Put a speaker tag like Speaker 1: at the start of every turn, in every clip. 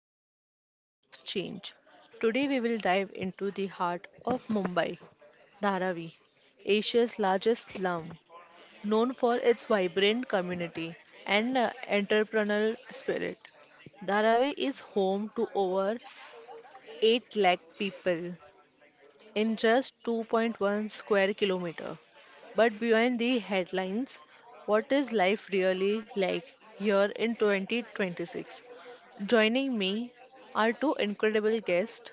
Speaker 1: to Voices of Change. Today we will dive into the heart of Mumbai, Dharavi, Asia's largest slum, known for its vibrant community and entrepreneurial spirit. Dharavi is home to over 8 lakh people, in just 2.1 square kilometer. But behind the headlines, what is life really like here in 2026? Joining me are two incredible guests,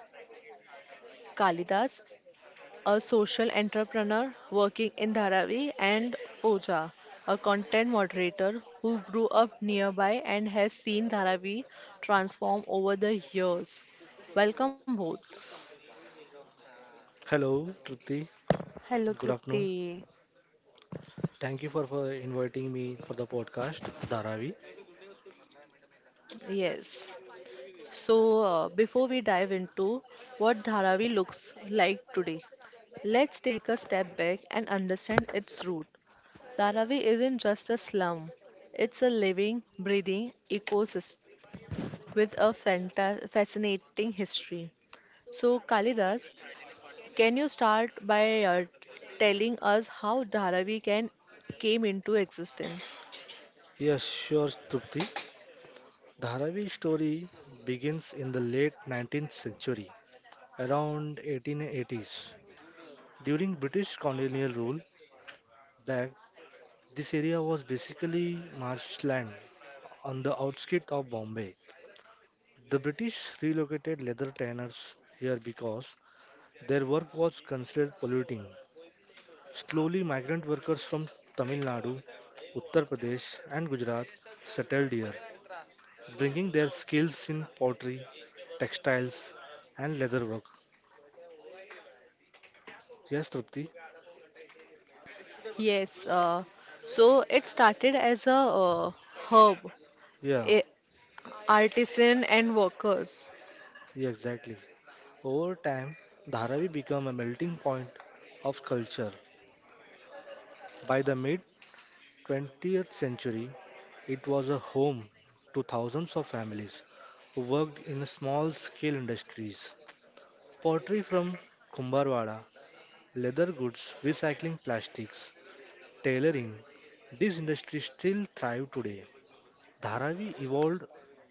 Speaker 1: Kalidas, a social entrepreneur working in Dharavi, and Pooja, a content moderator who grew up nearby and has seen Dharavi transform over the years. Welcome both.
Speaker 2: Hello,
Speaker 3: Good afternoon.
Speaker 2: Trupti.
Speaker 3: Thank you for inviting me for the podcast, Dharavi.
Speaker 1: Yes. So, before we dive into what Dharavi looks like today, let's take a step back and understand its root. Dharavi isn't just a slum, it's a living, breathing ecosystem with a fascinating history. So, Kalidas, can you start by telling us how Dharavi can came into existence?
Speaker 3: Yes, sure, Trupti. Dharavi story begins in the late 19th century, around 1880s. During British colonial rule back, this area was basically marshland on the outskirts of Bombay. The British relocated leather tanners here because their work was considered polluting. Slowly, migrant workers from Tamil Nadu, Uttar Pradesh, and Gujarat settled here, bringing their skills in pottery, textiles, and leatherwork. Yes, Trupti?
Speaker 1: Yes, so it started as a herb.
Speaker 3: Yeah,
Speaker 1: Artisan and workers.
Speaker 3: yeah, exactly. Over time, Dharavi became a melting point of culture. By the mid 20th century, it was a home to thousands of families who worked in small scale industries. Pottery from Kumbharwada leather goods, recycling plastics, tailoring. These industries still thrive today. Dharavi evolved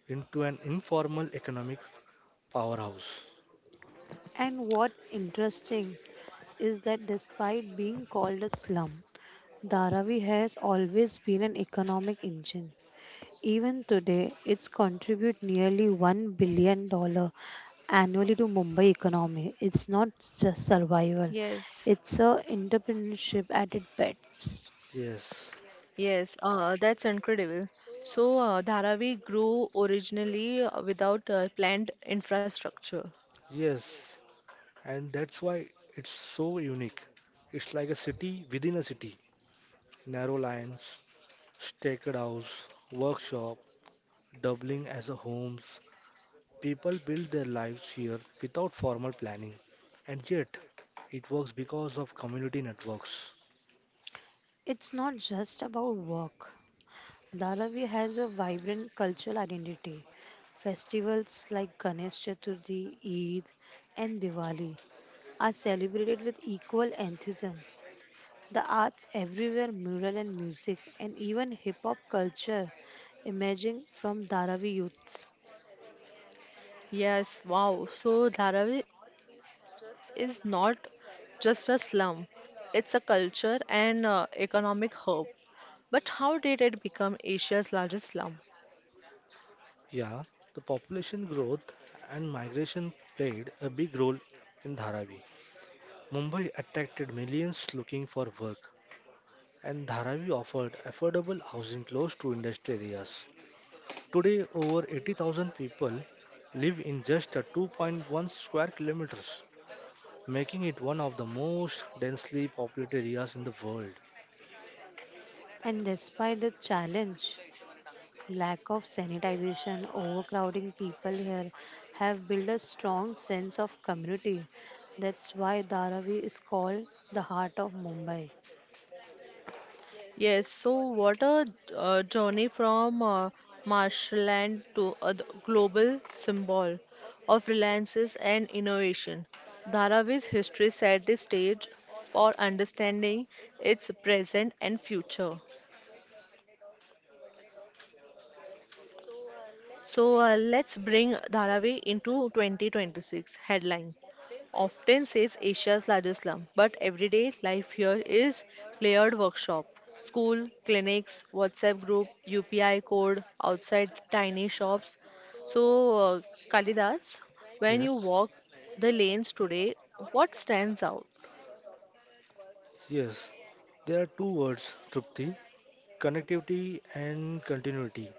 Speaker 3: into an informal economic powerhouse.
Speaker 2: And what interesting is that despite being called a slum, Dharavi has always been an economic engine. Even today, it's contribute nearly $1 billion dollars annually to Mumbai economy. It's not just survival,
Speaker 1: Yes.
Speaker 2: it's a entrepreneurship at its best.
Speaker 3: Yes,
Speaker 1: Yes, that's incredible. So, Dharavi grew originally without planned infrastructure.
Speaker 3: yes, and that's why it's so unique. It's like a city within a city. Narrow lines, staked house, workshop, doubling as a homes. People build their lives here without formal planning, and yet it works because of community networks.
Speaker 2: It's not just about work. Dharavi has a vibrant cultural identity. Festivals like Ganesh Chaturthi, Eid, and Diwali are celebrated with equal enthusiasm. The arts everywhere, mural and music, and even hip hop culture emerging from Dharavi youths.
Speaker 1: Yes, wow. So, Dharavi is not just a slum, it's a culture and economic hub. But how did it become Asia's largest slum?
Speaker 3: Yeah, the population growth and migration played a big role in Dharavi. Mumbai attracted millions looking for work, and Dharavi offered affordable housing close to industrial areas. Today, over 80,000 people live in just a 2.1 square kilometers, making it one of the most densely populated areas in the world.
Speaker 2: And despite the challenge, lack of sanitization, overcrowding, people here have built a strong sense of community. That's why Dharavi is called the heart of Mumbai.
Speaker 1: Yes, so what a journey from marshland to global symbol of reliances and innovation. Dharavi's history set the stage for understanding its present and future. So let's bring Dharavi into 2026 headline. Often says Asia's largest slum, but everyday life here is layered workshop, school, clinics, WhatsApp group, UPI code, outside tiny shops. So, Kalidas, when you
Speaker 3: Yes,
Speaker 1: walk the lanes today, what stands out?
Speaker 3: yes. There are two words, Trupti, connectivity and continuity.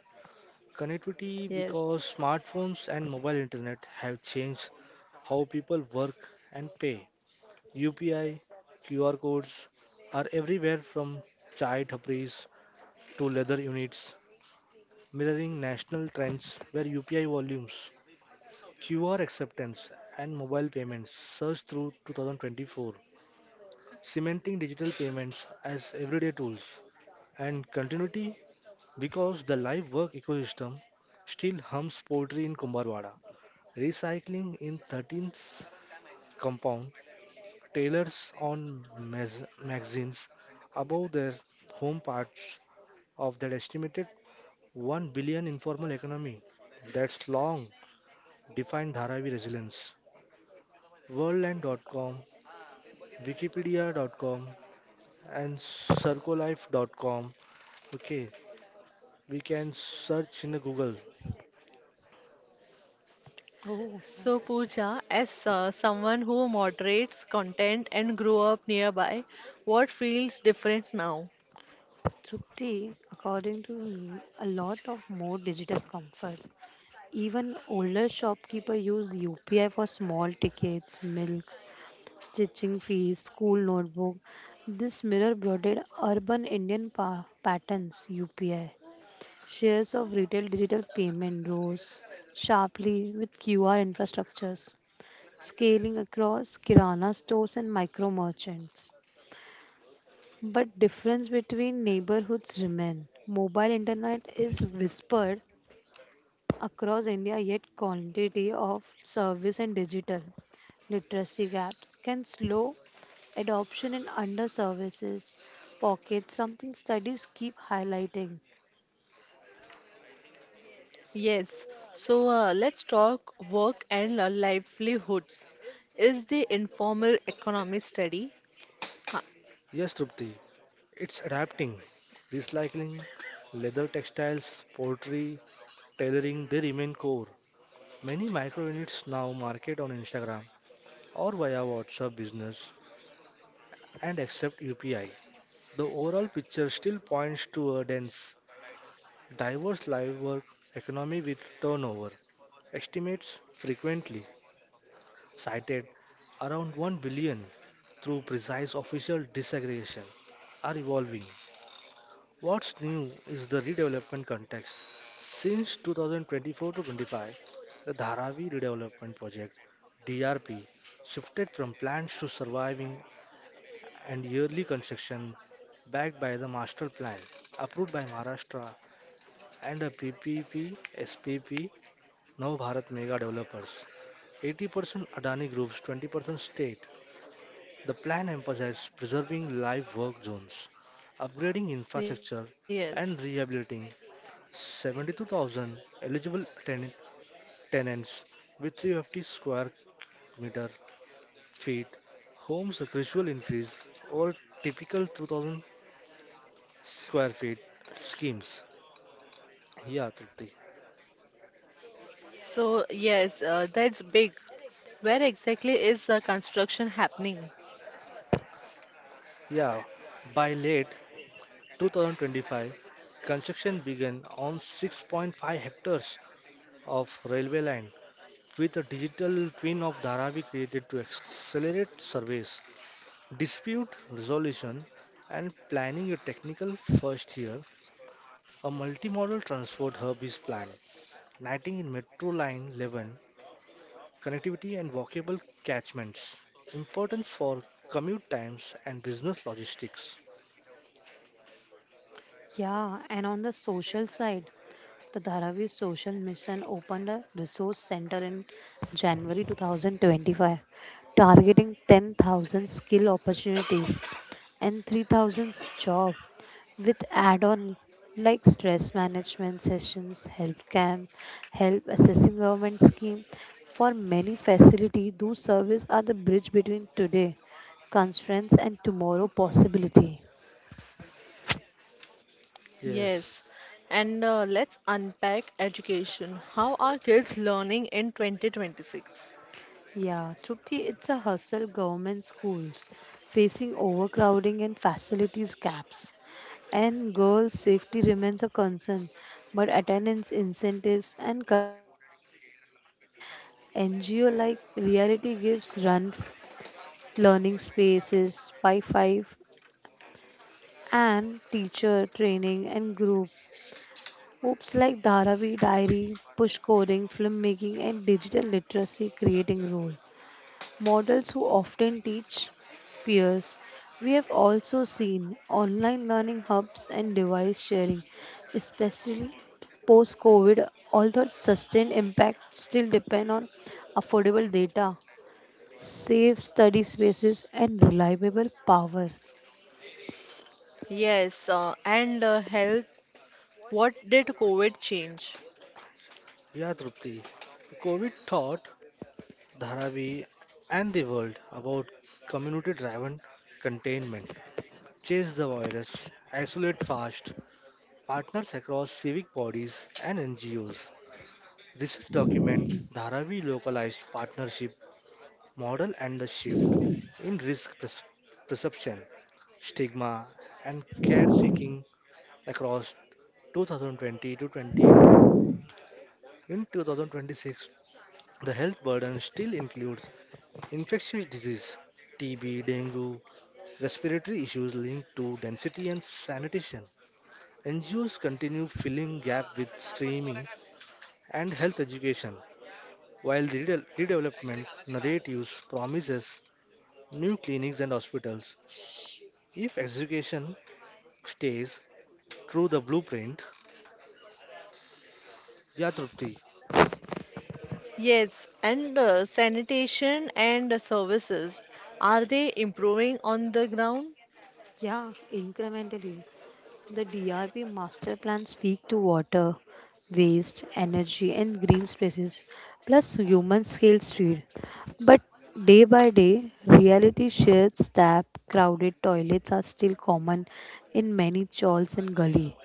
Speaker 3: Connectivity
Speaker 1: Yes.
Speaker 3: because smartphones and mobile internet have changed how people work and pay. UPI, QR codes are everywhere from chai tapris to leather units, mirroring national trends where UPI volumes, QR acceptance, and mobile payments surged through 2024, cementing digital payments as everyday tools. And continuity because the live work ecosystem still hums poetry in Kumbharwada Recycling in 13th compound, tailors on magazines above their home parts of that estimated 1 billion informal economy that's long defined Dharavi resilience. Worldland.com, Wikipedia.com, and Circolife.com. Okay, we can search in the Google.
Speaker 2: Oh,
Speaker 1: So,
Speaker 2: nice.
Speaker 1: Pooja, as someone who moderates content and grew up nearby, what feels different now?
Speaker 2: Trupti, according to me, a lot of more digital comfort. Even older shopkeeper use UPI for small tickets, milk, stitching fees, school notebook. This mirror broadened urban Indian patterns UPI. Shares of retail digital payment rose sharply with QR infrastructures scaling across kirana stores and micro merchants. But difference between neighborhoods remain. Mobile internet is whispered across India yet quantity of service and digital literacy gaps can slow adoption in under services pockets something studies keep highlighting.
Speaker 1: Yes, so let's talk work and livelihoods. Is the informal economy steady? Huh.
Speaker 3: Yes, Trupti, it's adapting, recycling, leather textiles, poultry, tailoring, they remain core. Many micro units now market on Instagram or via WhatsApp business and accept UPI. The overall picture still points to a dense, diverse live work economy with turnover estimates frequently cited around 1 billion through precise official disaggregation are evolving. What's new is the redevelopment context. Since 2024 to 25, the Dharavi Redevelopment Project (DRP) shifted from plans to surviving and yearly construction backed by the master plan approved by Maharashtra and a PPP SPP Nav Bharat mega developers. 80% Adani groups, 20% state. The plan emphasizes preserving live work zones, upgrading
Speaker 1: Yes.
Speaker 3: infrastructure, and rehabilitating 72,000 eligible tenants with 350 square meter feet. Homes a gradual increase over typical 2,000 square feet schemes. Yeah, Trupti.
Speaker 1: So, yes, that's big. Where exactly is the construction happening?
Speaker 3: Yeah, by late 2025, construction began on 6.5 hectares of railway land with a digital twin of Dharavi created to accelerate surveys, dispute resolution, and planning a technical first year. A multimodal transport hub is planned, uniting in Metro Line 11 connectivity and walkable catchments. Importance for commute times and business logistics.
Speaker 2: Yeah, and on the social side, the Dharavi Social Mission opened a resource center in January 2025, targeting 10,000 skill opportunities and 3,000 jobs with add-on like stress management sessions, help camp, help assessing government scheme. For many facility, those services are the bridge between today constraints and tomorrow possibility.
Speaker 3: Yes,
Speaker 1: Yes. And let's unpack education. How are kids learning in 2026?
Speaker 2: Yeah, Trupti, it's a hustle government schools facing overcrowding and facilities caps. And girls' safety remains a concern, but attendance incentives and community programs help, like NGO like Reality Gives run learning spaces, Wi Fi, and teacher training and group. Groups like Dharavi Diary, push coding, filmmaking, and digital literacy creating role. Models who often teach peers. We have also seen online learning hubs and device sharing, especially post COVID, although sustained impact still depend on affordable data, safe study spaces and reliable power.
Speaker 1: Yes, and health. What did COVID change?
Speaker 3: yeah, Trupti. COVID taught Dharavi and the world about community driven containment. Chase the virus, isolate fast, partners across civic bodies and NGOs. Research document Dharavi localized partnership model and the shift in risk perception, stigma, and care seeking across 2020 to 21. In 2026, the health burden still includes infectious disease, TB, dengue, respiratory issues linked to density and sanitation. NGOs continue filling gap with screening and health education, while the redevelopment narratives promises new clinics and hospitals. If education stays through the blueprint. Yeah, Trupti.
Speaker 1: Yes, and sanitation and services, are they improving on the ground?
Speaker 2: Yeah, incrementally. The DRP master plan speak to water, waste, energy and green spaces plus human scale street. But day by day, reality shared tap, crowded toilets are still common in many chawls and gully.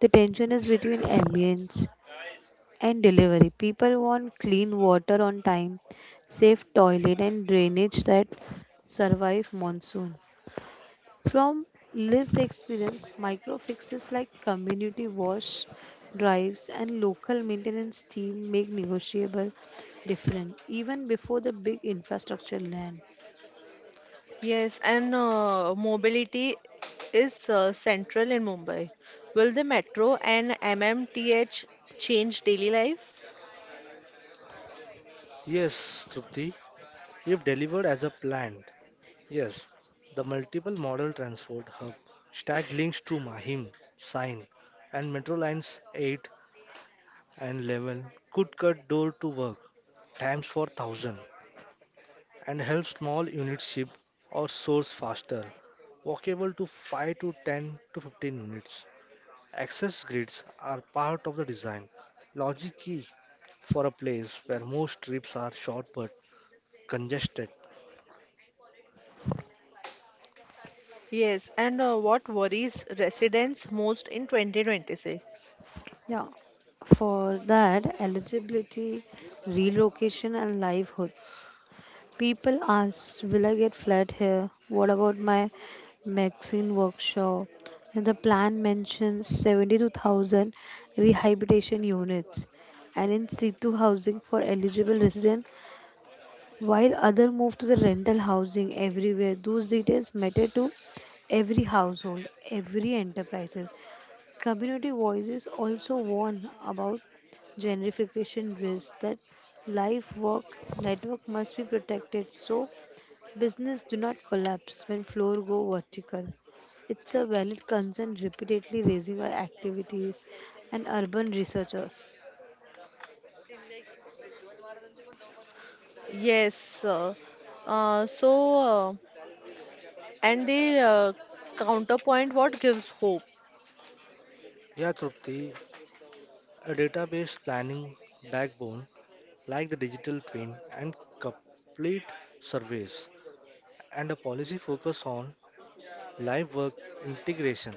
Speaker 2: The tension is between ambience and delivery. People want clean water on time, safe toilet and drainage that survive monsoon. From lived experience, micro fixes like community wash drives and local maintenance team make negotiable different even before the big infrastructure land.
Speaker 1: Yes, and mobility is central in Mumbai. Will the metro and MMTH change daily life?
Speaker 3: Yes, Trupti. If delivered as a planned, yes, the multiple model transport hub stack links to Mahim, Sine, and Metro Lines 8 and 11 could cut door to work times for thousand and help small units ship or source faster, walkable to 5 to 10 to 15 minutes. Access grids are part of the design. Logic key for a place where most trips are short but congested.
Speaker 1: Yes, and what worries residents most in 2026?
Speaker 2: Yeah, for that eligibility, relocation and livelihoods. People ask, "Will I get flat here? What about my medicine workshop?" And the plan mentions 72,000 rehabilitation units and in situ housing for eligible residents, while other move to the rental housing everywhere. Those details matter to every household, every enterprises. Community voices also warn about gentrification risks that life work network must be protected so business do not collapse when floor go vertical. It's a valid concern repeatedly raising by activities and urban researchers.
Speaker 1: Yes, so and the counterpoint, what gives hope?
Speaker 3: Yeah, Trupti, a database planning backbone like the digital twin and complete surveys, and a policy focus on live work integration,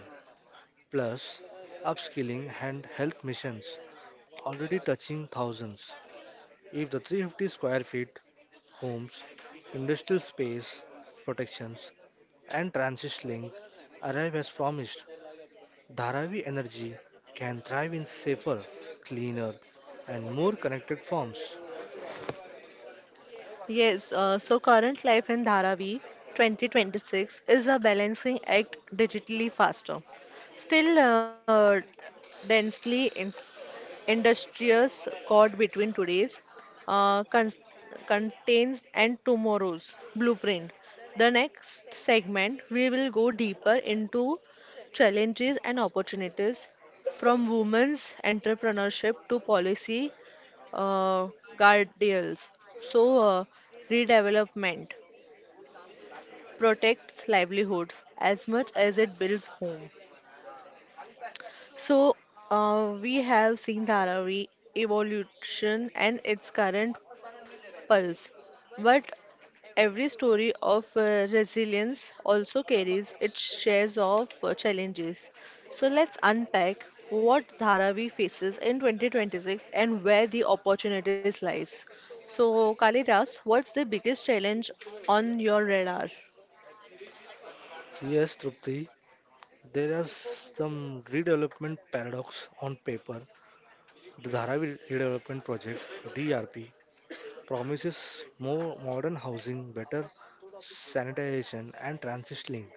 Speaker 3: plus upskilling and health missions, already touching thousands. If the 350 square feet homes, industrial space protections, and transit link arrive as promised, Dharavi Energy can thrive in safer, cleaner, and more connected forms.
Speaker 1: Yes, so current life in Dharavi 2026 is a balancing act, digitally faster, still densely industrious cord between today's uh, cons- contains and tomorrow's blueprint. The next segment, we will go deeper into challenges and opportunities from women's entrepreneurship to policy uh, guardrails. So, redevelopment protects livelihoods as much as it builds home. So, we have seen Dharavi evolution and its current pulse, but every story of resilience also carries its shares of challenges. So, let's unpack what Dharavi faces in 2026 and where the opportunities lies. So, Kalidas, what's the biggest challenge on your radar?
Speaker 3: Yes, Trupti, there are some redevelopment paradox on paper. The Dharavi Redevelopment Project (DRP) promises more modern housing, better sanitation, and transit link.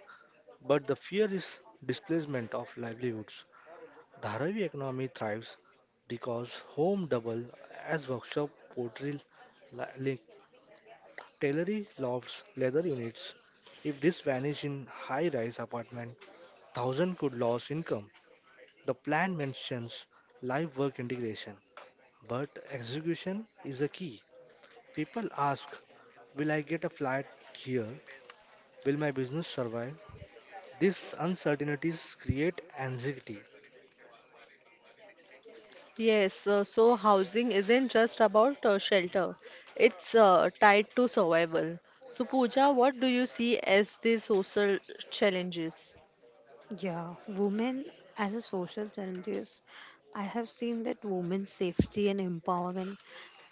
Speaker 3: But the fear is displacement of livelihoods. Dharavi economy thrives because home double as workshop, pottery, link, tailoring lofts, leather units. If this vanish in high-rise apartment, thousand could lose income. The plan mentions live work integration, but execution is the key. People ask, will I get a flat here? Will my business survive? These uncertainties create anxiety.
Speaker 1: Yes, so housing isn't just about shelter, it's tied to survival. So, Pooja, what do you see as the social challenges?
Speaker 2: Yeah, women as a social scientist, I have seen that women's safety and empowerment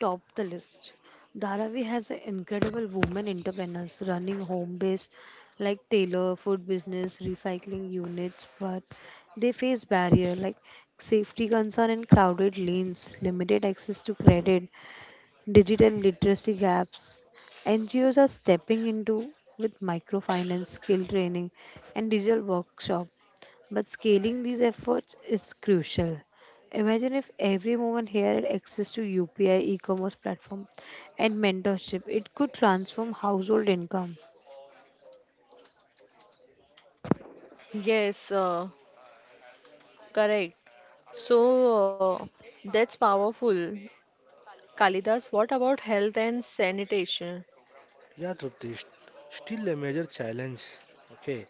Speaker 2: top the list. Dharavi has a incredible women entrepreneurs running home based like tailor, food business, recycling units, but they face barrier like safety concern and crowded lanes, limited access to credit, digital literacy gaps. NGOs are stepping into with microfinance, skill training, and digital workshops but scaling these efforts is crucial. Imagine if every woman here had access to UPI, e commerce platform, and mentorship. It could transform household income.
Speaker 1: Yes, correct. So, that's powerful. Kalidas, what about health and sanitation?
Speaker 3: Yeah, Trupti, still a major challenge. Okay,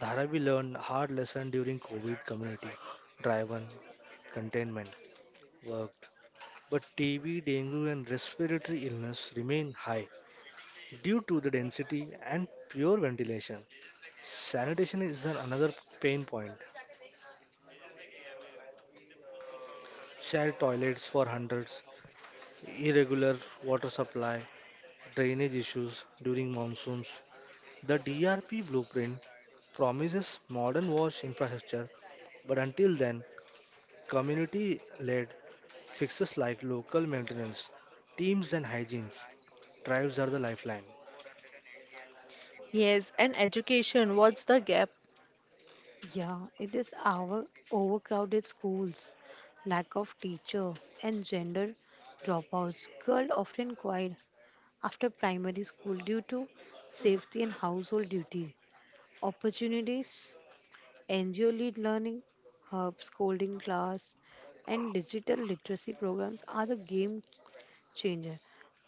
Speaker 3: Dharavi learned hard lesson during COVID community driven containment worked, but TB, dengue, and respiratory illness remain high due to the density and pure ventilation. Sanitation is another pain point. Shared toilets for hundreds, irregular water supply, drainage issues during monsoons. The DRP blueprint promises modern wash infrastructure, but until then, community led fixes like local maintenance, teams, and hygienes drives are the lifeline.
Speaker 1: Yes, and education, what's the gap?
Speaker 2: Yeah, it is our overcrowded schools, lack of teacher, and gender dropouts. Girls often quit after primary school due to safety and household duty. Opportunities NGO led learning, hubs, coding class, and digital literacy programs are the game changer.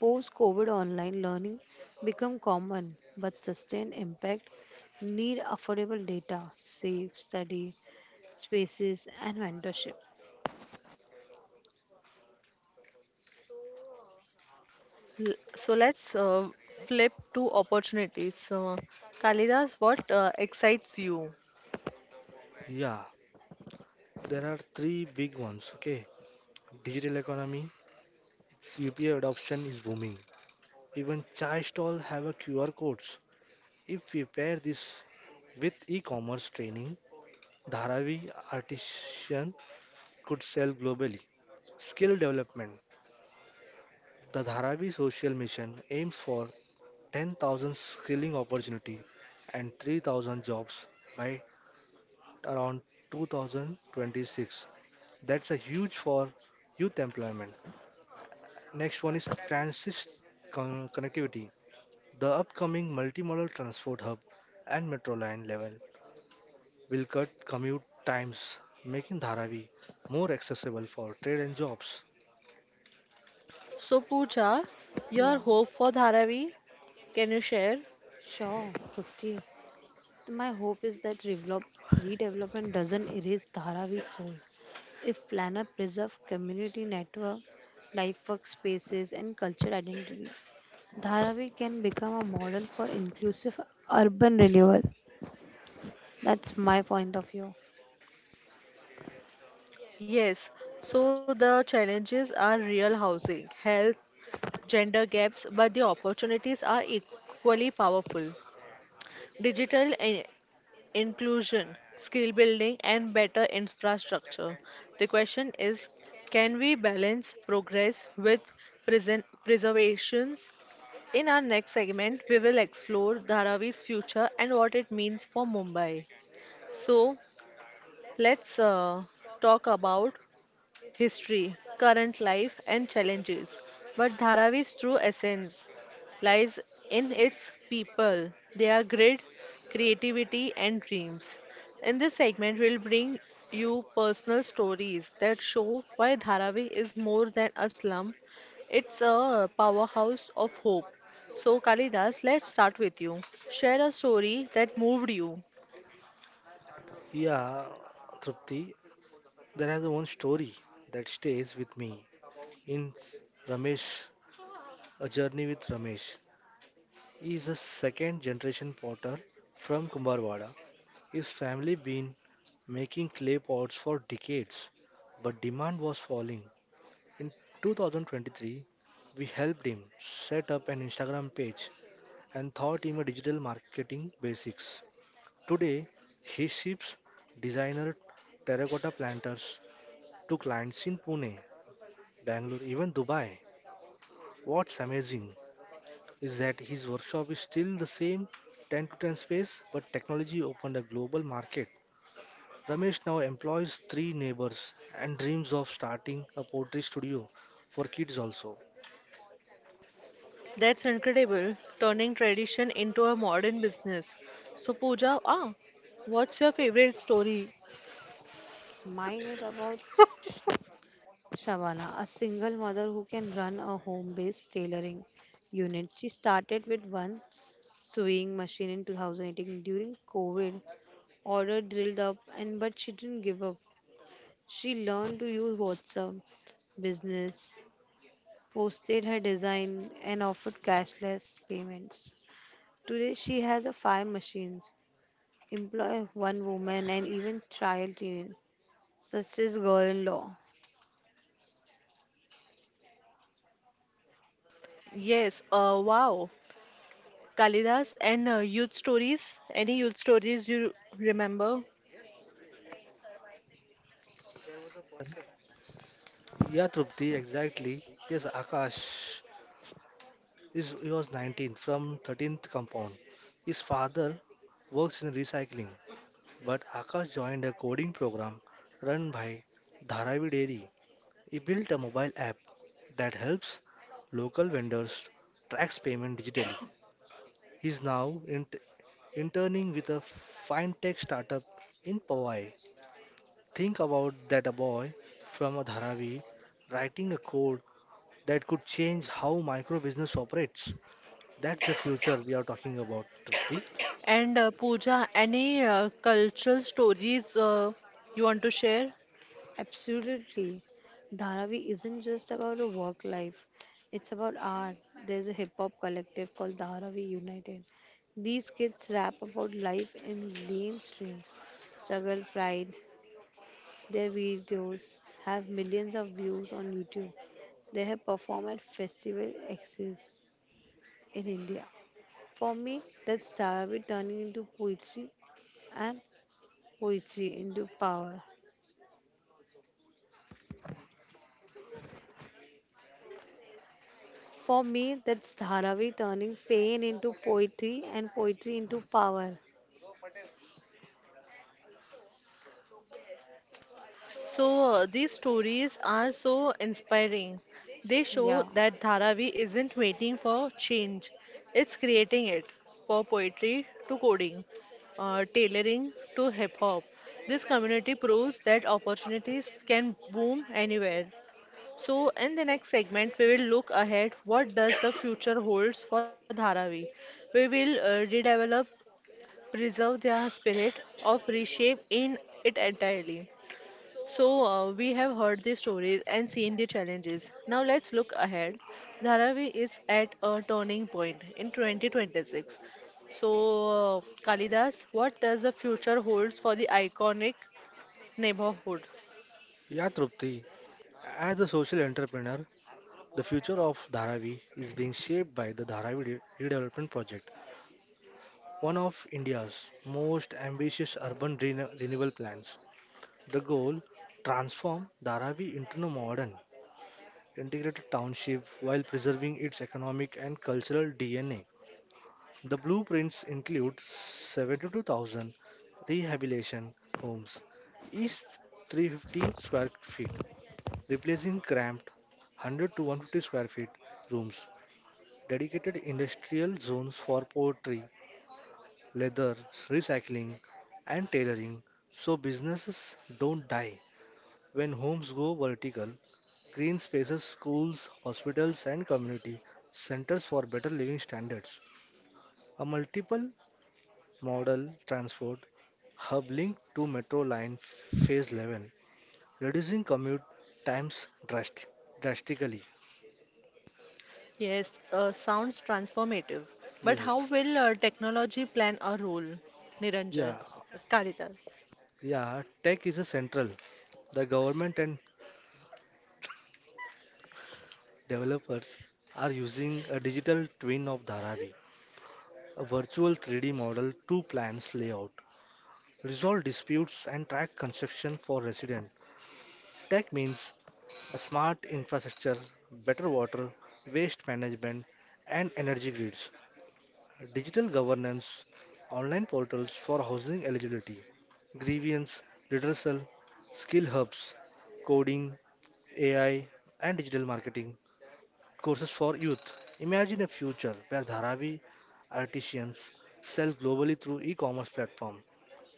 Speaker 2: Post COVID online learning become common, but sustained impact need affordable data, safe study spaces, and mentorship.
Speaker 1: So, let's flip to opportunities. Kalidas, what excites you?
Speaker 3: Yeah, there are three big ones, okay? Digital economy, CPA adoption is booming. Even chai stall have a QR codes. If we pair this with e-commerce training, Dharavi Artisan could sell globally. Skill development. The Dharavi Social Mission aims for 10,000 skilling opportunity and 3,000 jobs by around 2026. That's a huge for youth employment. Next one is transit connectivity. The upcoming multimodal transport hub and metro line level will cut commute times, making Dharavi more accessible for trade and jobs.
Speaker 1: So, Pooja, your
Speaker 2: Yeah,
Speaker 1: hope for Dharavi, can you share?
Speaker 2: sure, Trupti. So my hope is that redevelopment doesn't erase Dharavi's soul. If planner preserve community network, life workspaces and cultural identity, Dharavi can become a model for inclusive urban renewal. That's my point of view.
Speaker 1: Yes, so the challenges are real: housing, health, gender gaps, but the opportunities are equally powerful. Digital inclusion, skill building, and better infrastructure. The question is, can we balance progress with present preservations? In our next segment, we will explore Dharavi's future and what it means for Mumbai. So, let's talk about history, current life, and challenges. But Dharavi's true essence lies in its people, their grit, creativity, and dreams. In this segment, we'll bring you personal stories that show why Dharavi is more than a slum, it's a powerhouse of hope. So, Kalidas, let's start with you. Share a story that moved you.
Speaker 3: Yeah, Trupti, there has one story that stays with me. In Ramesh, A Journey with Ramesh, he is a second generation potter from Kumbharwada. His family been making clay pots for decades, but demand was falling. In 2023, we helped him set up an Instagram page and taught him a digital marketing basics. Today, he ships designer terracotta planters to clients in Pune, Bangalore, even Dubai. What's amazing is that his workshop is still the same 10 to 10 space, but technology opened a global market. Ramesh now employs three neighbors and dreams of starting a pottery studio for kids also.
Speaker 1: That's incredible, turning tradition into a modern business. So, Pooja, what's your favorite story?
Speaker 2: Mine is about Shabana, a single mother who can run a home based tailoring unit. She started with one sewing machine in 2018 during COVID. Order drilled up, and but she didn't give up. She learned to use WhatsApp business, posted her design, and offered cashless payments. Today, she has a five machines, employ one woman, and even child in such as girl-in-law.
Speaker 1: Yes, wow. Kalidas and youth stories. Any youth stories you remember?
Speaker 3: Yeah, Trupti, exactly. Yes, Akash is he was 19 from 13th compound. His father works in recycling but Akash joined a coding program run by Dharavi Dairy. He built a mobile app that helps local vendors track payment digitally. He's now interning with a fintech startup in Powai. Think about that a boy from a Dharavi writing a code that could change how micro business operates. That's the future we are talking about, Trupti.
Speaker 1: And Pooja, any cultural stories you want to share?
Speaker 2: Absolutely. Dharavi isn't just about a work life, it's about art. There's a hip hop collective called Dharavi United. These kids rap about life in mainstream struggle, pride. Their videos have millions of views on YouTube. They have performed at festival exits in India. For me, that's Dharavi turning into poetry and poetry into power. For me, that's Dharavi turning pain into poetry and poetry into power.
Speaker 1: So, these stories are so inspiring. They show
Speaker 2: Yeah,
Speaker 1: that Dharavi isn't waiting for change, it's creating it, for poetry to coding, tailoring to hip hop. This community proves that opportunities can boom anywhere. So, in the next segment, we will look ahead: what does the future holds for Dharavi? We will redevelop, preserve their spirit of reshape in it entirely. So, we have heard the stories and seen the challenges. Now, let's look ahead. Dharavi is at a turning point in 2026. So, Kalidas, what does the future holds for the iconic neighborhood?
Speaker 3: Yeah, Trupti. As a social entrepreneur, the future of Dharavi is being shaped by the Dharavi Redevelopment Project, one of India's most ambitious urban renewal plans. The goal, transform Dharavi into a modern, integrated township while preserving its economic and cultural DNA. The blueprints include 72,000 rehabilitation homes, each 350 square feet, replacing cramped 100 to 150 square feet rooms, dedicated industrial zones for pottery, leather, recycling, and tailoring so businesses don't die. When homes go vertical, green spaces, schools, hospitals, and community centers for better living standards. A multiple model transport hub linked to metro line phase 11, reducing commute times drastically.
Speaker 1: Yes, sounds transformative. But how
Speaker 3: Yes.
Speaker 1: will technology plan a role?
Speaker 3: Yeah.
Speaker 1: Niranjan, Kalidas.
Speaker 3: Yeah. Tech is a central. The government and developers are using a digital twin of Dharavi, a virtual 3D model to plan layout, resolve disputes, and track construction for residents. Tech means a smart infrastructure, better water, waste management, and energy grids, digital governance, online portals for housing eligibility, grievance, redressal, skill hubs, coding, AI, and digital marketing, courses for youth. Imagine a future where Dharavi artisans sell globally through e-commerce platform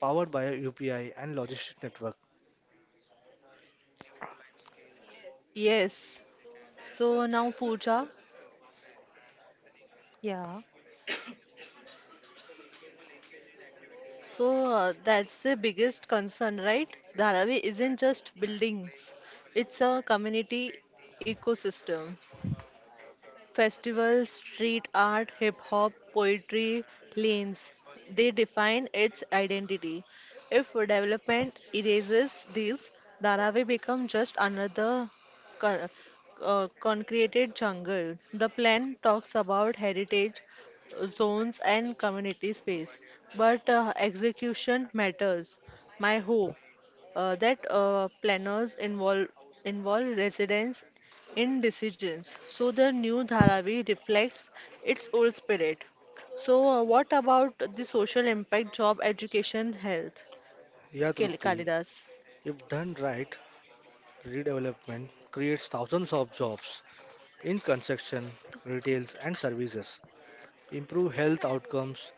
Speaker 3: powered by a UPI and logistic network.
Speaker 1: Yes. So now, Pooja,
Speaker 2: yeah,
Speaker 1: so that's the biggest concern, right? Dharavi isn't just buildings, it's a community ecosystem. Festivals, street art, hip hop, poetry, lanes, they define its identity. If development erases these, Dharavi become just another con- concreted jungle. The plan talks about heritage zones and community space, but execution matters. My hope that planners involve residents in decisions, so the new Dharavi reflects its old spirit. So what about the social impact, job, education, health?
Speaker 3: Yeah, Trupti,
Speaker 1: Kalidas.
Speaker 3: if done right, redevelopment creates thousands of jobs in construction, retails and services. Improve health outcomes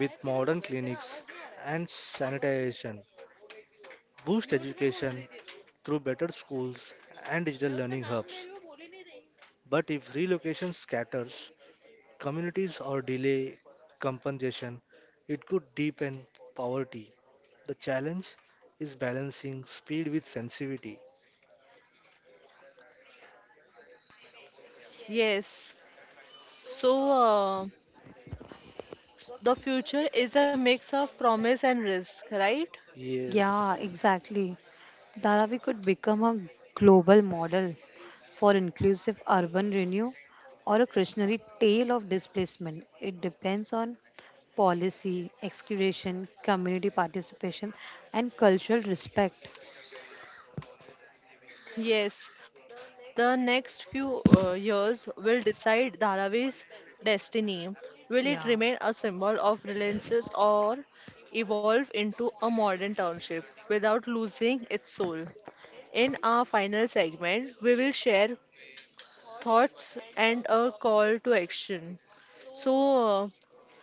Speaker 3: with modern clinics and sanitation. Boost education through better schools and digital learning hubs. But if relocation scatters, communities or delay compensation, it could deepen poverty. The challenge is balancing speed with sensitivity.
Speaker 1: Yes. So the future is a mix of promise and risk, right?
Speaker 2: yeah,
Speaker 3: Yes,
Speaker 2: exactly. Dharavi could become a global model for inclusive urban renewal or a cautionary tale of displacement. It depends on policy, excavation, community participation, and cultural respect.
Speaker 1: Yes, the next few years will decide Dharavi's destiny. Will it
Speaker 2: Yeah,
Speaker 1: remain a symbol of relentless or evolve into a modern township without losing its soul? In our final segment, we will share thoughts and a call to action. So, uh,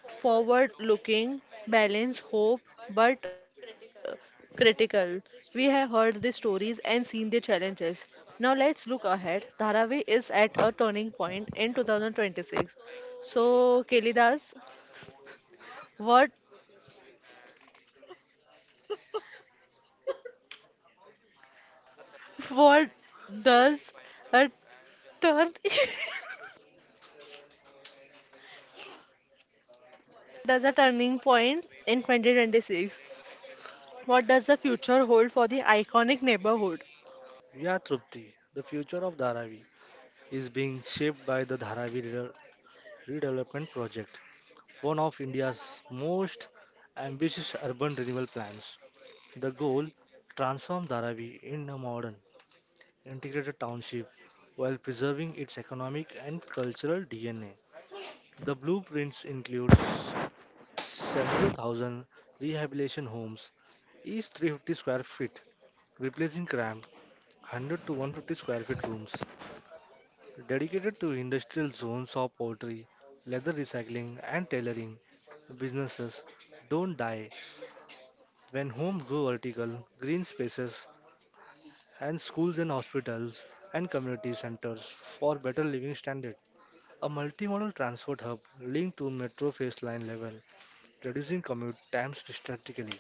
Speaker 1: forward looking, balance, hope, but critical. We have heard the stories and seen the challenges. Now let's look ahead. Dharavi is at a turning point in 2026. So, Kelidas, what what does a turn does a turning point in 2026? What does the future hold for the iconic neighborhood?
Speaker 3: yeah, Trupti, the future of Dharavi is being shaped by the Dharavi Redevelopment Project, one of India's most ambitious urban renewal plans. The goal, transform Dharavi in a modern, integrated township while preserving its economic and cultural DNA. The blueprints includes 72,000 rehabilitation homes, each 350 square feet, replacing cramped 100 to 150 square feet rooms. Dedicated to industrial zones of poultry, leather recycling, and tailoring, businesses don't die when homes grow vertical, green spaces, and schools and hospitals and community centers for better living standard. A multimodal transport hub linked to metro phase line level, reducing commute times drastically.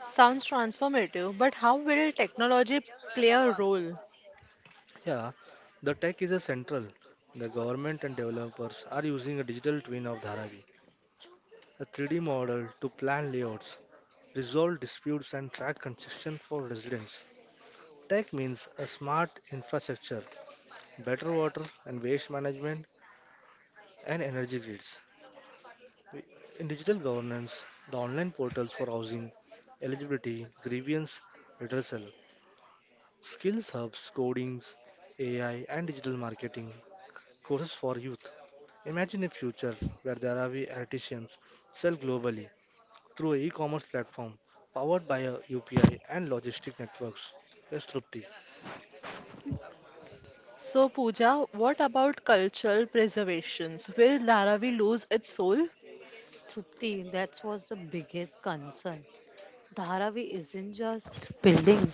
Speaker 1: Sounds transformative, but how will technology play a role?
Speaker 3: Yeah, the tech is a central. The government and developers are using a digital twin of Dharavi, a 3D model to plan layouts, resolve disputes, and track construction for residents. Tech means a smart infrastructure, better water and waste management, and energy grids. In digital governance, the online portals for housing, eligibility, grievance, redressal, skills hubs, codings, AI, and digital marketing, courses for youth. Imagine a future where the Arabi artisans sell globally through an e-commerce platform powered by a UPI and logistic networks. Yes, Trupti.
Speaker 1: So, Pooja, what about cultural preservations? Will Dharavi lose its soul?
Speaker 2: Trupti, that was the biggest concern. Dharavi isn't just building,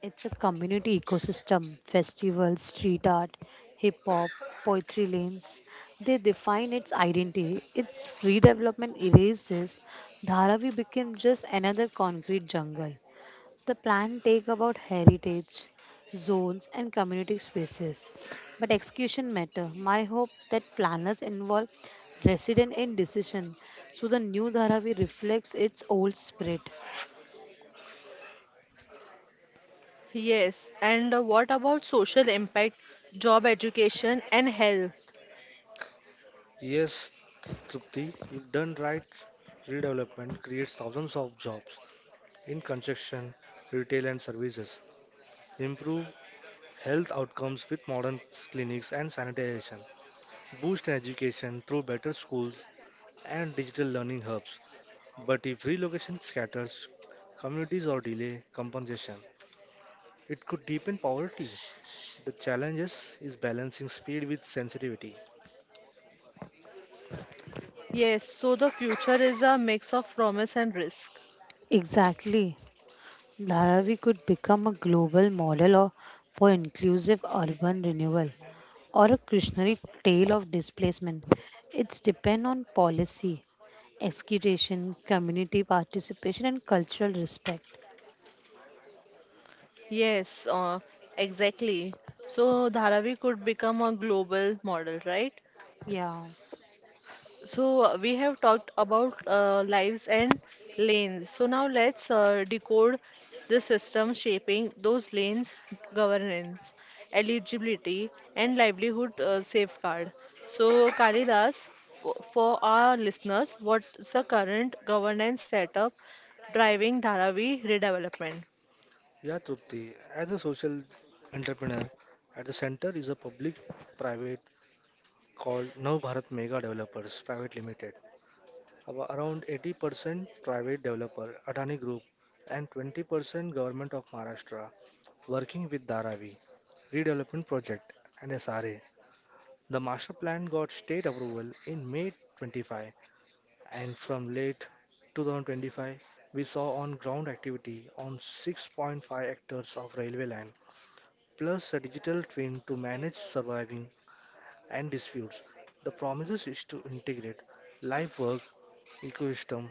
Speaker 2: it's a community ecosystem. Festivals, street art, hip hop, poetry lanes, they define its identity. Its redevelopment erases Dharavi became just another concrete jungle. The plan take about heritage, zones and community spaces. But execution matter. My hope that planners involve resident in decision so the new Dharavi reflects its old spirit.
Speaker 1: Yes, and what about social impact, job education, and health?
Speaker 3: Yes, Trupti, if done right, redevelopment creates thousands of jobs in construction, retail and services. Improve health outcomes with modern clinics and sanitation. Boost education through better schools and digital learning hubs. But if relocation scatters, communities or delay compensation, it could deepen poverty. The challenge is balancing speed with sensitivity.
Speaker 1: Yes, so the future is a mix of promise and risk.
Speaker 2: Exactly. Larari could become a global model of, for inclusive urban renewal or a cautionary tale of displacement. It's depend on policy, execution, community participation and cultural respect.
Speaker 1: Yes, exactly. So Dharavi could become a global model, right?
Speaker 2: Yeah.
Speaker 1: So we have talked about lives and lanes. So now let's decode the system shaping those lanes: governance, eligibility, and livelihood safeguard. So Kalidas, for our listeners, what's the current governance setup driving Dharavi redevelopment?
Speaker 3: Yeah, Trupti, as a social entrepreneur, at the center is a public private called Nav Bharat Mega Developers Private Limited. Around 80% private developer Adani Group and 20% Government of Maharashtra working with Dharavi Redevelopment Project and SRA. The master plan got state approval in May 25, and from late 2025 we saw on ground activity on 6.5 hectares of railway land plus a digital twin to manage surviving and disputes. The promises is to integrate live work ecosystem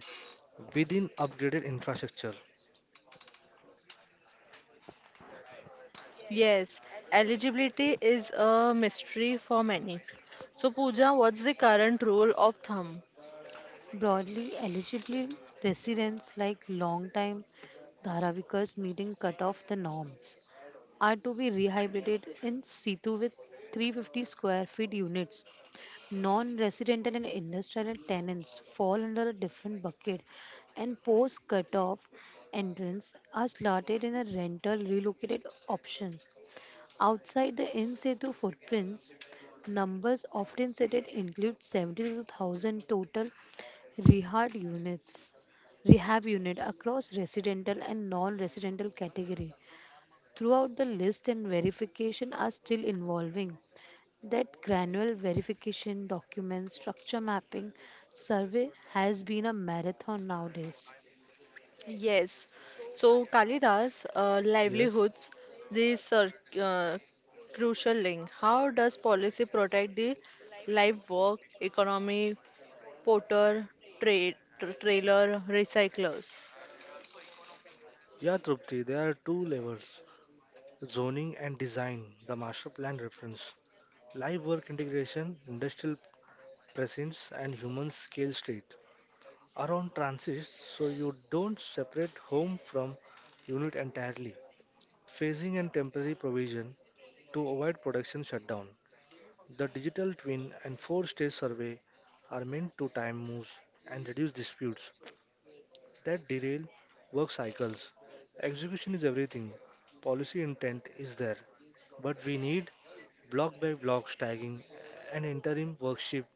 Speaker 3: within upgraded infrastructure.
Speaker 1: Yes, eligibility is a mystery for many. So Pooja, what's the current rule of thumb?
Speaker 2: Broadly, eligible residents like long-time Dharavikas meeting cut-off the norms are to be rehabilitated in situ with 350 square feet units. Non-residential and industrial tenants fall under a different bucket and post cut-off entrants are slotted in a rental relocated options. Outside the in situ footprints, numbers often cited include 72,000 total rehab units, rehab unit across residential and non-residential category. Throughout the list and verification are still involving that granular verification, document structure mapping survey has been a marathon nowadays.
Speaker 1: Yes. So Kalidas,
Speaker 3: Yes.
Speaker 1: livelihoods, this are uh, crucial link. How does policy protect the live work economy, porter, trade, trailer, recyclers?
Speaker 3: Yeah, Trupti, there are two levels, zoning and design. The master plan reference live work integration, industrial presence and human scale street around transits, so you don't separate home from unit entirely. Phasing and temporary provision to avoid production shutdown. The digital twin and four stage survey are meant to time moves and reduce disputes that derail work cycles. Execution is everything, policy intent is there, but we need block by block tagging and interim work shift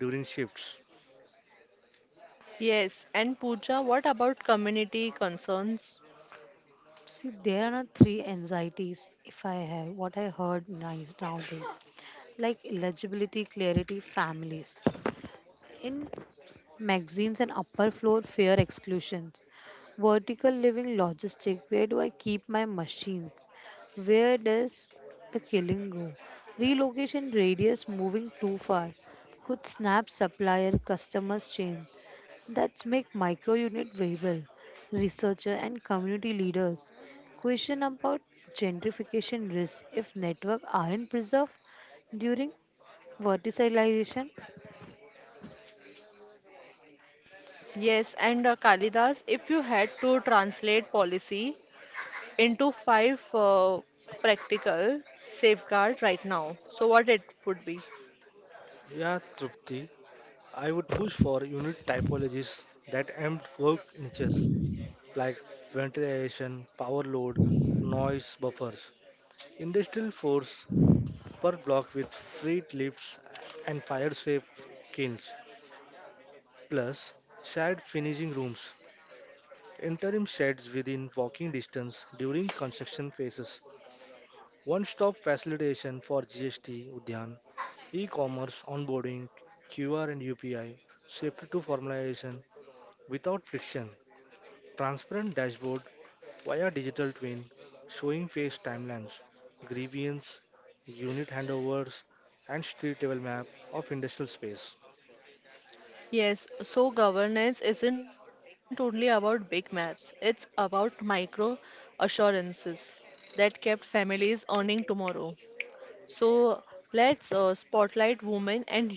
Speaker 3: during shifts.
Speaker 1: Yes. And Pooja, what about community concerns?
Speaker 2: See, there are three anxieties if I have what I heard nice nowadays, like legibility, clarity, families. In magazines and upper floor, fear exclusion. Vertical living logistic, where do I keep my machines? Where does the killing go? Relocation radius moving too far. Could snap supplier customers change that make micro unit viable? Researcher and community leaders question about gentrification risks if networks aren't preserved during verticalization.
Speaker 1: Yes. And Kalidas, if you had to translate policy into five practical safeguard right now, so what it would be?
Speaker 3: Yeah, Trupti, I would push for unit typologies that empt work niches like ventilation, power load, noise buffers, industrial force per block with freight lifts and fire-safe kilns, plus shared finishing rooms, interim sheds within walking distance during construction phases, one-stop facilitation for GST, Udyan, e-commerce, onboarding, QR and UPI, safety to formalization without friction. Transparent dashboard via digital twin showing phase timelines, grievance, unit handovers, and street level map of industrial space.
Speaker 1: Yes, so governance isn't only about big maps, it's about micro assurances that kept families earning tomorrow. So let's spotlight women and youth,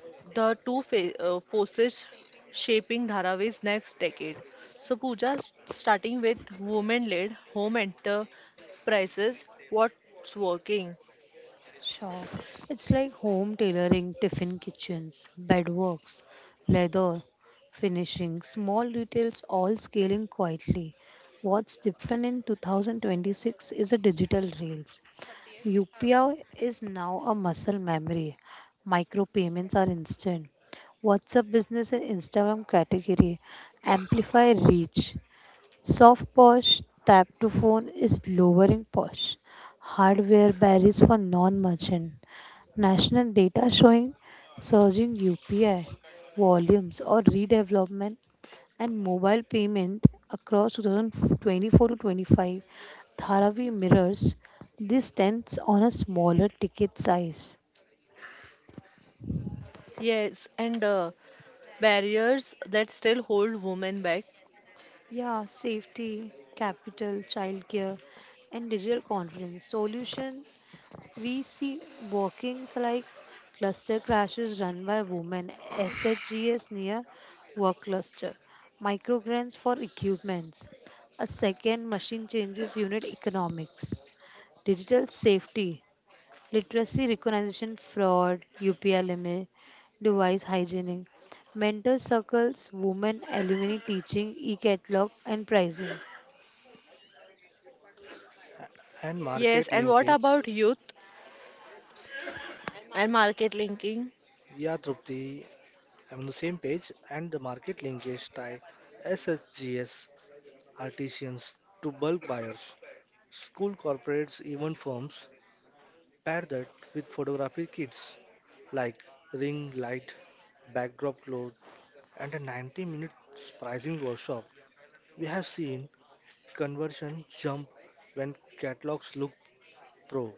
Speaker 1: the two forces shaping Dharavi's next decade. So, Pooja, starting with women led home enterprises, what's working?
Speaker 2: Sure. It's like home tailoring, tiffin kitchens, bedworks, leather finishing, small details all scaling quietly. What's different in 2026 is a digital reels. UPI is now a muscle memory. Micro payments are instant. WhatsApp business and Instagram category amplify reach. Soft Posh tap to phone is lowering Posh. Hardware barriers for non merchant. National data showing surging UPI volumes or redevelopment and mobile payment across 2024 to 25. Dharavi mirrors this tends on a smaller ticket size.
Speaker 1: Yes, and barriers that still hold women back.
Speaker 2: Yeah, safety, capital, childcare, and digital confidence. Solution, we see walkings like cluster crashes run by women, SHGS near work cluster, microgrants for equipments, a second machine changes unit economics, digital safety, literacy recognition fraud, UPI limit, device hygienic, mentor circles, women alumni teaching, e-catalog and pricing.
Speaker 3: And
Speaker 1: Yes,
Speaker 3: market
Speaker 1: and what
Speaker 3: linkage.
Speaker 1: about youth and market linking?
Speaker 3: Yeah, Trupti, I'm on the same page. And the market linkage tie SHGS artisans to bulk buyers. School corporates, even firms, pair that with photography kits like ring light, backdrop cloth, and a 90-minute pricing workshop. We have seen conversion jump when catalogs look pro.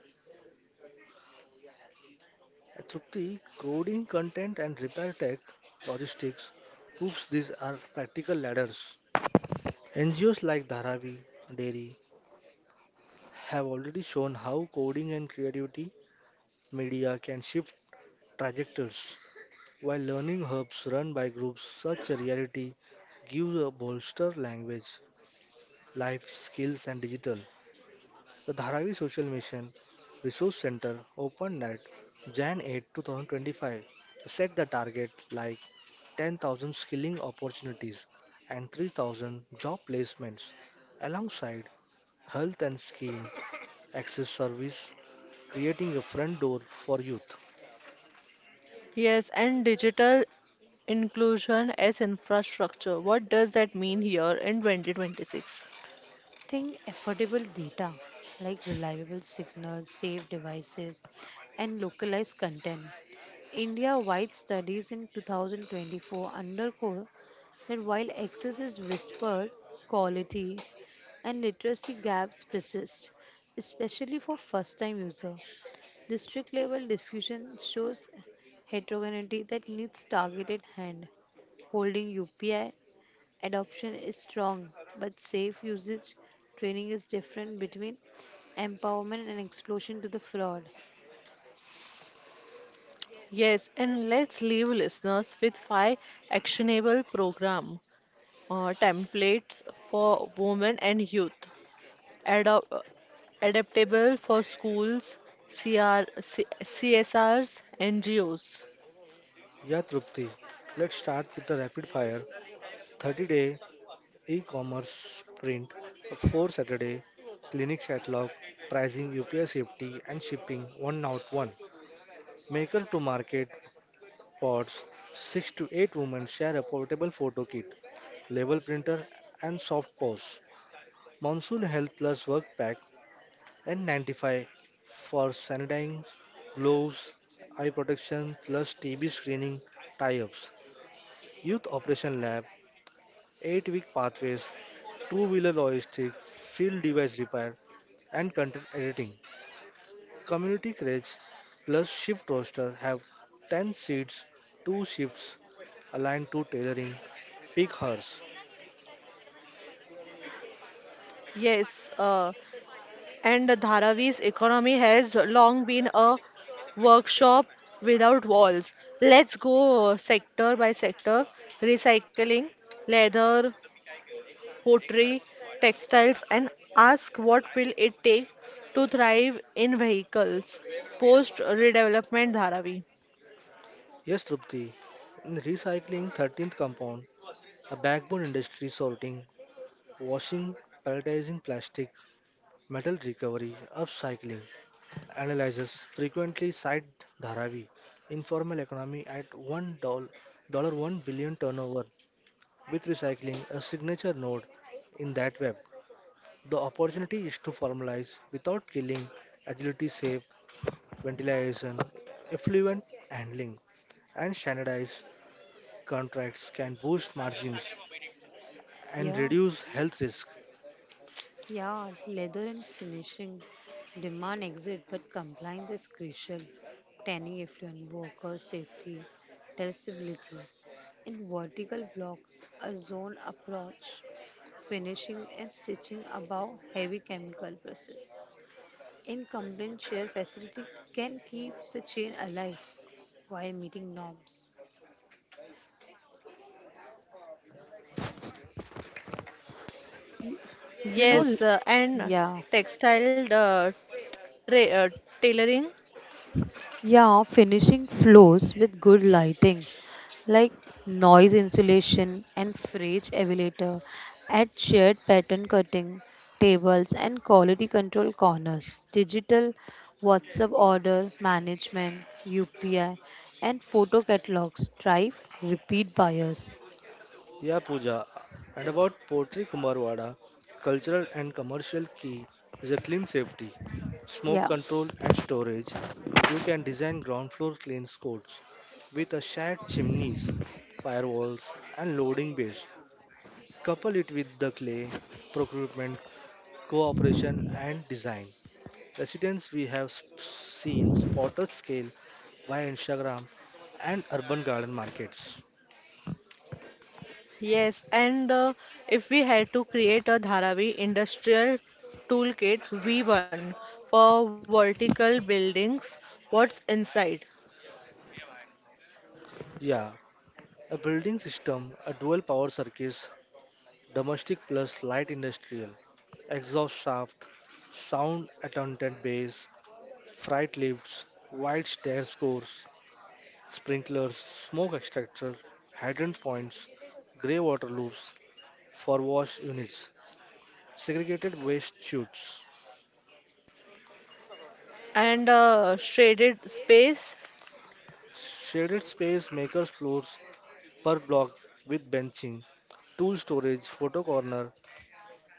Speaker 3: At Trupti, coding content and repair tech, logistics, oops, these are practical ladders. NGOs like Dharavi, Dairy have already shown how coding and creativity media can shift trajectories, while learning hubs run by groups such as Reality give a bolster language, life skills and digital. The Dharavi Social Mission Resource Center opened at Jan 8, 2025, set the target like 10,000 skilling opportunities and 3,000 job placements alongside health and scheme access service, creating a front door for youth.
Speaker 1: Yes, and digital inclusion as infrastructure. What does that mean here in 2026?
Speaker 2: Think affordable data like reliable signals, safe devices, and localized content. India wide studies in 2024 underscore that while access is whispered, quality and literacy gaps persist, especially for first time users. District level diffusion shows heterogeneity that needs targeted hand holding UPI adoption is strong, but safe usage training is different between empowerment and explosion to the fraud.
Speaker 1: Yes, and let's leave listeners with five actionable program templates for women and youth. Adopt, adaptable for schools, CR, C, CSRs, NGOs.
Speaker 3: Yeah, Trupti, let's start with the rapid fire 30-day e commerce sprint, 4 Saturday clinic catalog, pricing, UPI safety, and shipping 1 out 1. Maker to market pots, 6 to 8 women share a portable photo kit, label printer, and soft pose. Monsoon Health Plus work pack and 95 for sanitizing, gloves, eye protection plus TB screening tie ups. Youth Operation Lab, 8 week pathways, two wheeler logistics, field device repair, and content editing. Community Courage plus Shift Roster have 10 seats, 2 shifts aligned to tailoring peak hours.
Speaker 1: Yes, and Dharavi's economy has long been a workshop without walls. Let's go sector by sector: recycling, leather, pottery, textiles, and ask what will it take to thrive in vehicles post redevelopment Dharavi.
Speaker 3: Yes, Trupti, in recycling 13th compound, a backbone industry sorting, washing, pelletizing plastic, metal recovery, upcycling, analyzes frequently cite Dharavi, informal economy at $1 billion turnover, with recycling a signature node in that web. The opportunity is to formalize without killing agility safe ventilation, effluent handling, and standardized contracts can boost margins and
Speaker 2: Yeah,
Speaker 3: reduce health risk.
Speaker 2: yeah, leather and finishing demand exit, but compliance is crucial. Tanning effluent, worker safety, traceability. In vertical blocks, a zone approach, finishing and stitching above heavy chemical process. In complaint share facility can keep the chain alive while meeting norms. You know,
Speaker 3: Poo-
Speaker 1: Yes,
Speaker 2: yeah,
Speaker 1: and textile tra- uh, tailoring.
Speaker 2: yeah, finishing floors with good lighting like noise insulation and fridge elevator, add shared pattern cutting tables and quality control corners, digital WhatsApp order management, UPI, and photo catalogs drive repeat buyers.
Speaker 3: yeah, Pooja. And about Potri Kumarwada, cultural and commercial key is a clean safety, smoke
Speaker 2: Yeah.
Speaker 3: control and storage. You can design ground floor clean codes with a shared chimneys, firewalls and loading bays. Couple it with the clay, procurement, cooperation, and design. Residents we have seen spotted scale by Instagram and urban garden markets.
Speaker 1: Yes, and if we had to create a Dharavi industrial toolkit V1 for vertical buildings, what's inside?
Speaker 3: Yeah, a building system, a dual power circuits, domestic plus light industrial, exhaust shaft, sound attendant bays, freight lifts, wide stairs course, sprinklers, smoke extractor, hydrant points, grey water loops for wash units, segregated waste chutes,
Speaker 1: And shaded space,
Speaker 3: shaded space makers floors per block with benching, tool storage, photo corner,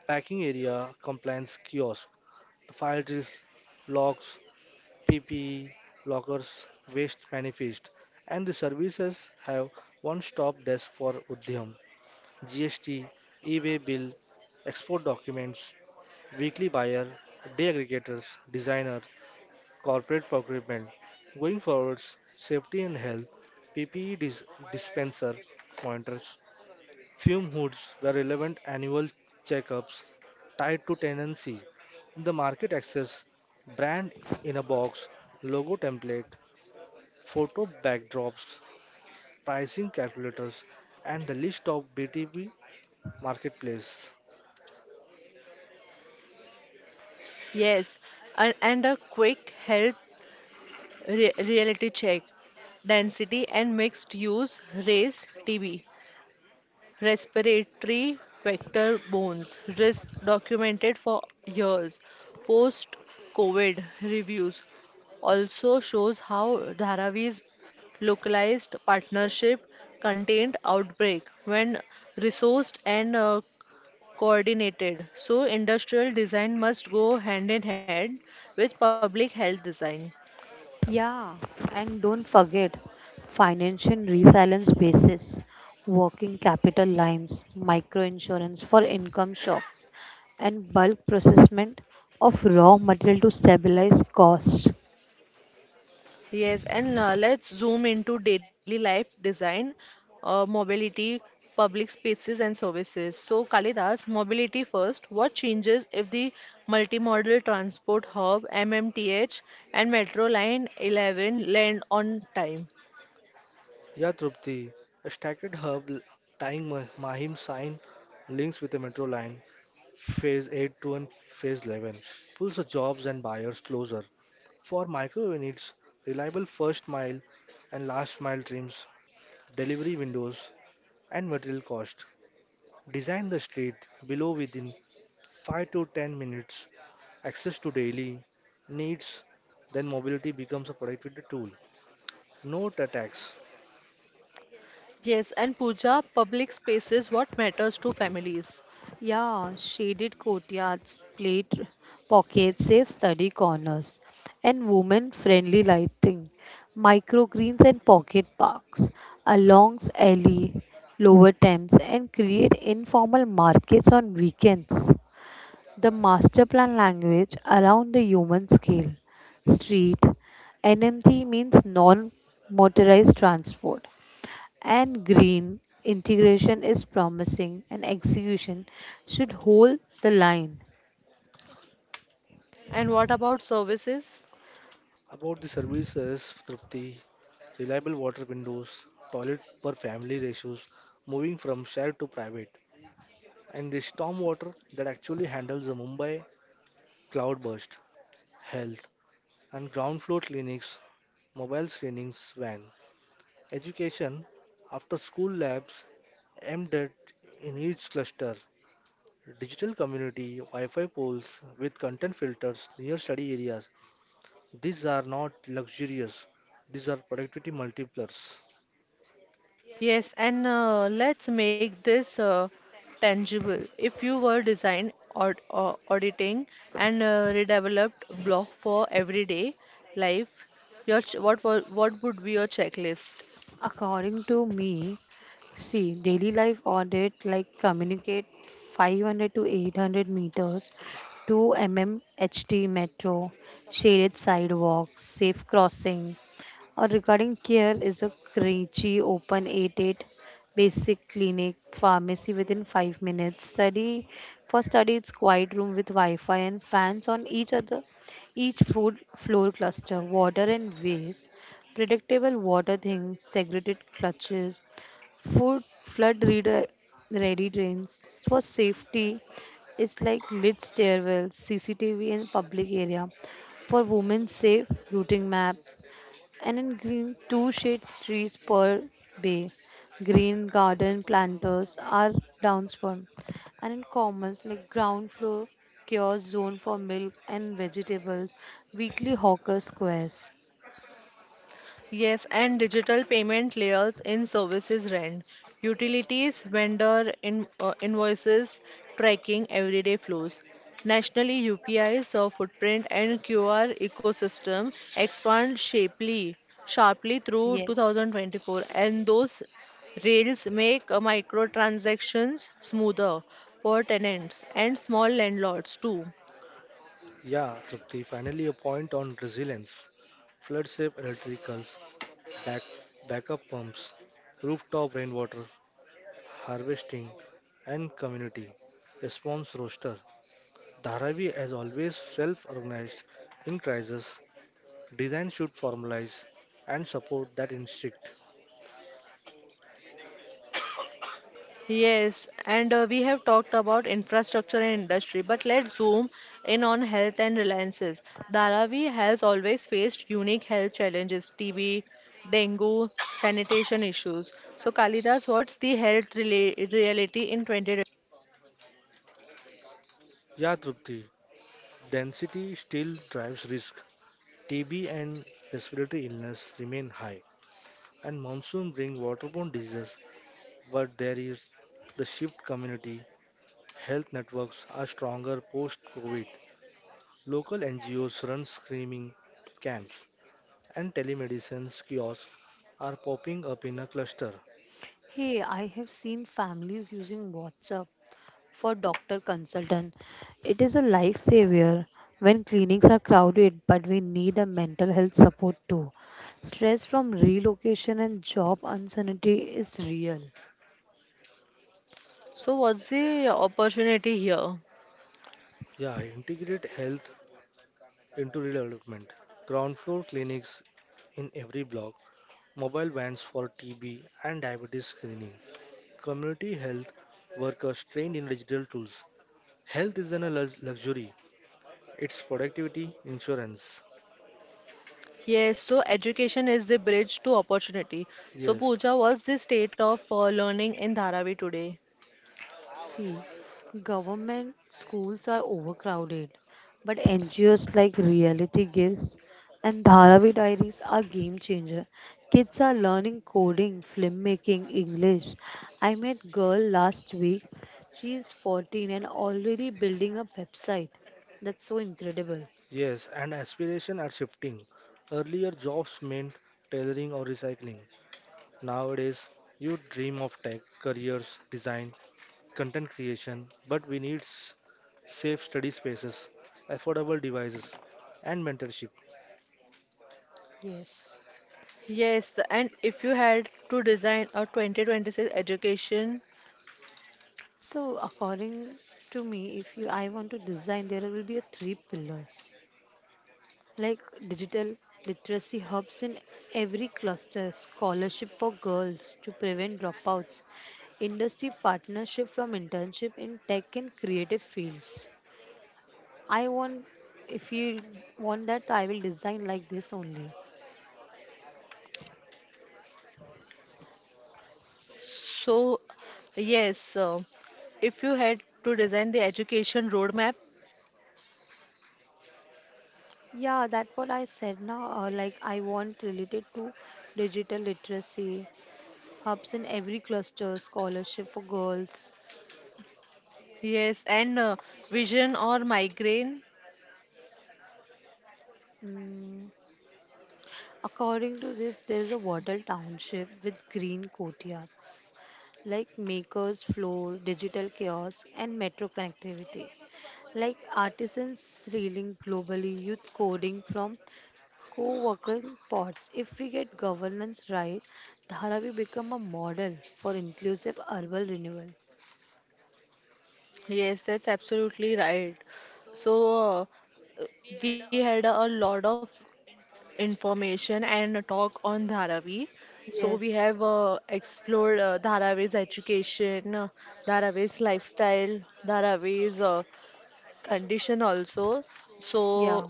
Speaker 3: packing area, compliance kiosk, file drills, locks, PPE, lockers, waste manifest, and the services have one-stop desk for Udhyam, GST, e-way bill, export documents, weekly buyer, day aggregators, designer, corporate procurement. Going forwards, safety and health, PPE dispenser pointers, fume hoods were relevant annual checkups tied to tenancy, the market access, brand in a box, logo template, photo backdrops, pricing calculators, and the list of BTB marketplace.
Speaker 1: yes, and a quick health re reality check, density and mixed use, raise TB, respiratory vector bones risk documented for years post COVID reviews, also shows how Dharavi's localized partnership contained outbreak when resourced and coordinated, so industrial design must go hand in hand with public health design.
Speaker 2: Yeah, and don't forget financial resilience basis, working capital lines, microinsurance for income shocks, and bulk procurement of raw material to stabilize costs.
Speaker 1: Yes, and let's zoom into daily life design, mobility, public spaces, and services. So, Kalidas, mobility first. What changes if the multimodal transport hub (MMTH) and Metro Line 11 land on time?
Speaker 3: Yeah, Trupti, a stacked hub tying Mahim sign links with the metro line Phase 8 to and Phase 11 pulls the jobs and buyers closer. For micro units, reliable first mile and last mile trims, delivery windows, and material cost. Design the street below within 5 to 10 minutes, access to daily needs, then mobility becomes a productivity tool. Note attacks
Speaker 1: Yes, and Pooja, public spaces. What matters to families?
Speaker 2: Yeah, shaded courtyards, plate pockets, safe study corners, and women friendly lighting, microgreens and pocket parks, along alley, lower Thames, and create informal markets on weekends. The master plan language around the human scale. Street NMT means non motorized transport, and green integration is promising and execution should hold the line.
Speaker 1: And what about services?
Speaker 3: about the services, Trupti, reliable water windows, toilet per family ratios, moving from shared to private. And the stormwater that actually handles the Mumbai cloudburst, health and ground floor clinics, mobile screenings van, education, after school labs, MDET in each cluster, digital community, Wi-Fi poles with content filters near study areas. These are not luxurious. These are productivity multipliers.
Speaker 1: Yes, and let's make this tangible. If you were design or auditing and redeveloped block for everyday life, your ch what wa- what would be your checklist?
Speaker 2: According to me, see daily life audit like communicate 500 to 800 meters to mmHT metro, shaded sidewalks, safe crossing. Or regarding care is a Kranchi Open eight-eight basic clinic pharmacy within 5 minutes study for study it's quiet room with wi-fi and fans on each other each food floor cluster water and waste predictable water things segregated clutches Food flood reader ready drains for safety is like lit stairwells, CCTV in public area. For women safe routing maps and in green two shade trees per bay. Green garden planters are downspawn and in commons like ground floor kiosk zone for milk and vegetables, weekly hawker squares.
Speaker 1: Yes, and digital payment layers in services: rent, utilities, invoices, tracking everyday flows. Nationally, UPI's footprint and QR ecosystem expand sharply through
Speaker 2: Yes.
Speaker 1: 2024, and those rails make microtransactions smoother for tenants and small landlords too.
Speaker 3: Yeah, Trupti, finally a point on resilience. Flood safe electricals, back, backup pumps, rooftop rainwater harvesting, and community response roster. Dharavi has always self-organized in crisis. Design should formalize and support that instinct.
Speaker 1: Yes, and we have talked about infrastructure and industry, but let's zoom in on health and reliances. Dharavi has always faced unique health challenges: TB, dengue, sanitation issues. So, Kalidas, what's the health reality in 2020?
Speaker 3: Yeah, Trupti, density still drives risk. TB and respiratory illness remain high, and monsoon bring waterborne diseases, but there is the shift community health networks are stronger post-COVID. Local NGOs run screening camps and telemedicine kiosks are popping up in a cluster.
Speaker 2: Hey, I have seen families using WhatsApp for doctor consultant. It is a lifesaver when clinics are crowded, but we need a mental health support too. Stress from relocation and job uncertainty is real.
Speaker 1: So, what's the opportunity here?
Speaker 3: Yeah, integrate health into development. Ground floor clinics in every block, mobile vans for TB and diabetes screening, community health workers trained in digital tools. Health isn't a luxury, it's productivity insurance.
Speaker 1: Yes, so education is the bridge to opportunity. So,
Speaker 3: Yes,
Speaker 1: Pooja, what's the state of learning in Dharavi today?
Speaker 2: See, government schools are overcrowded, but NGOs like Reality Gives and Dharavi Diaries are game changer. Kids are learning coding, filmmaking, English. I met girl last week. She is 14 and already building a website. That's so incredible.
Speaker 3: yes, and aspirations are shifting. Earlier, jobs meant tailoring or recycling. Nowadays, you dream of tech, careers, design, content creation, but we need safe study spaces, affordable devices, and mentorship.
Speaker 2: Yes.
Speaker 1: Yes, and if you had to design a 2026 education,
Speaker 2: So according to me, if you I want to design, there will be a three pillars. Like digital literacy hubs in every cluster, scholarship for girls to prevent dropouts, industry partnership from internship in tech and creative fields. I want, if you want that, I will design like this only.
Speaker 1: so yes, if you had to design the education roadmap,
Speaker 2: Yeah, that's what I said now. Like, I want related to digital literacy, hubs in every cluster, scholarship for girls.
Speaker 1: yes, and vision or migraine,
Speaker 2: Mm, according to this,
Speaker 1: s-
Speaker 2: there is a Wattle township with green courtyards, like makers, floor, digital kiosk, and metro connectivity. Like artisans reeling globally, youth coding from co-working pods. If we get governance right, Dharavi become a model for inclusive urban renewal.
Speaker 1: yes, that's absolutely right. So uh, we had a lot of information and a talk on Dharavi. So we have
Speaker 2: Yes.
Speaker 1: explored Dharavi's education, Dharavi's lifestyle, Dharavi's condition also. So
Speaker 2: Yeah.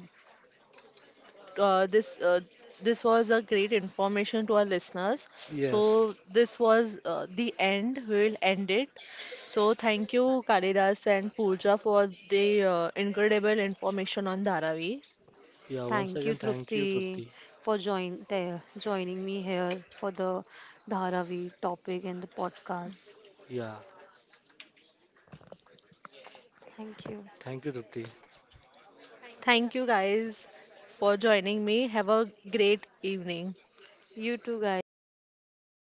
Speaker 1: uh, this uh, this was a great information to our listeners. So
Speaker 3: Yes.
Speaker 1: this was the end. We will end it. So thank you Kalidas and Pooja for the incredible information on Dharavi.
Speaker 3: Yeah, once
Speaker 2: Thank you,
Speaker 3: again, thank you,
Speaker 2: Trupti,
Speaker 3: Trupti.
Speaker 2: for joining me here for the Dharavi topic and the podcast.
Speaker 3: Yeah,
Speaker 2: Thank you.
Speaker 3: thank you, Trupti.
Speaker 1: Thank you guys for joining me. Have a great evening.
Speaker 2: You too, guys, both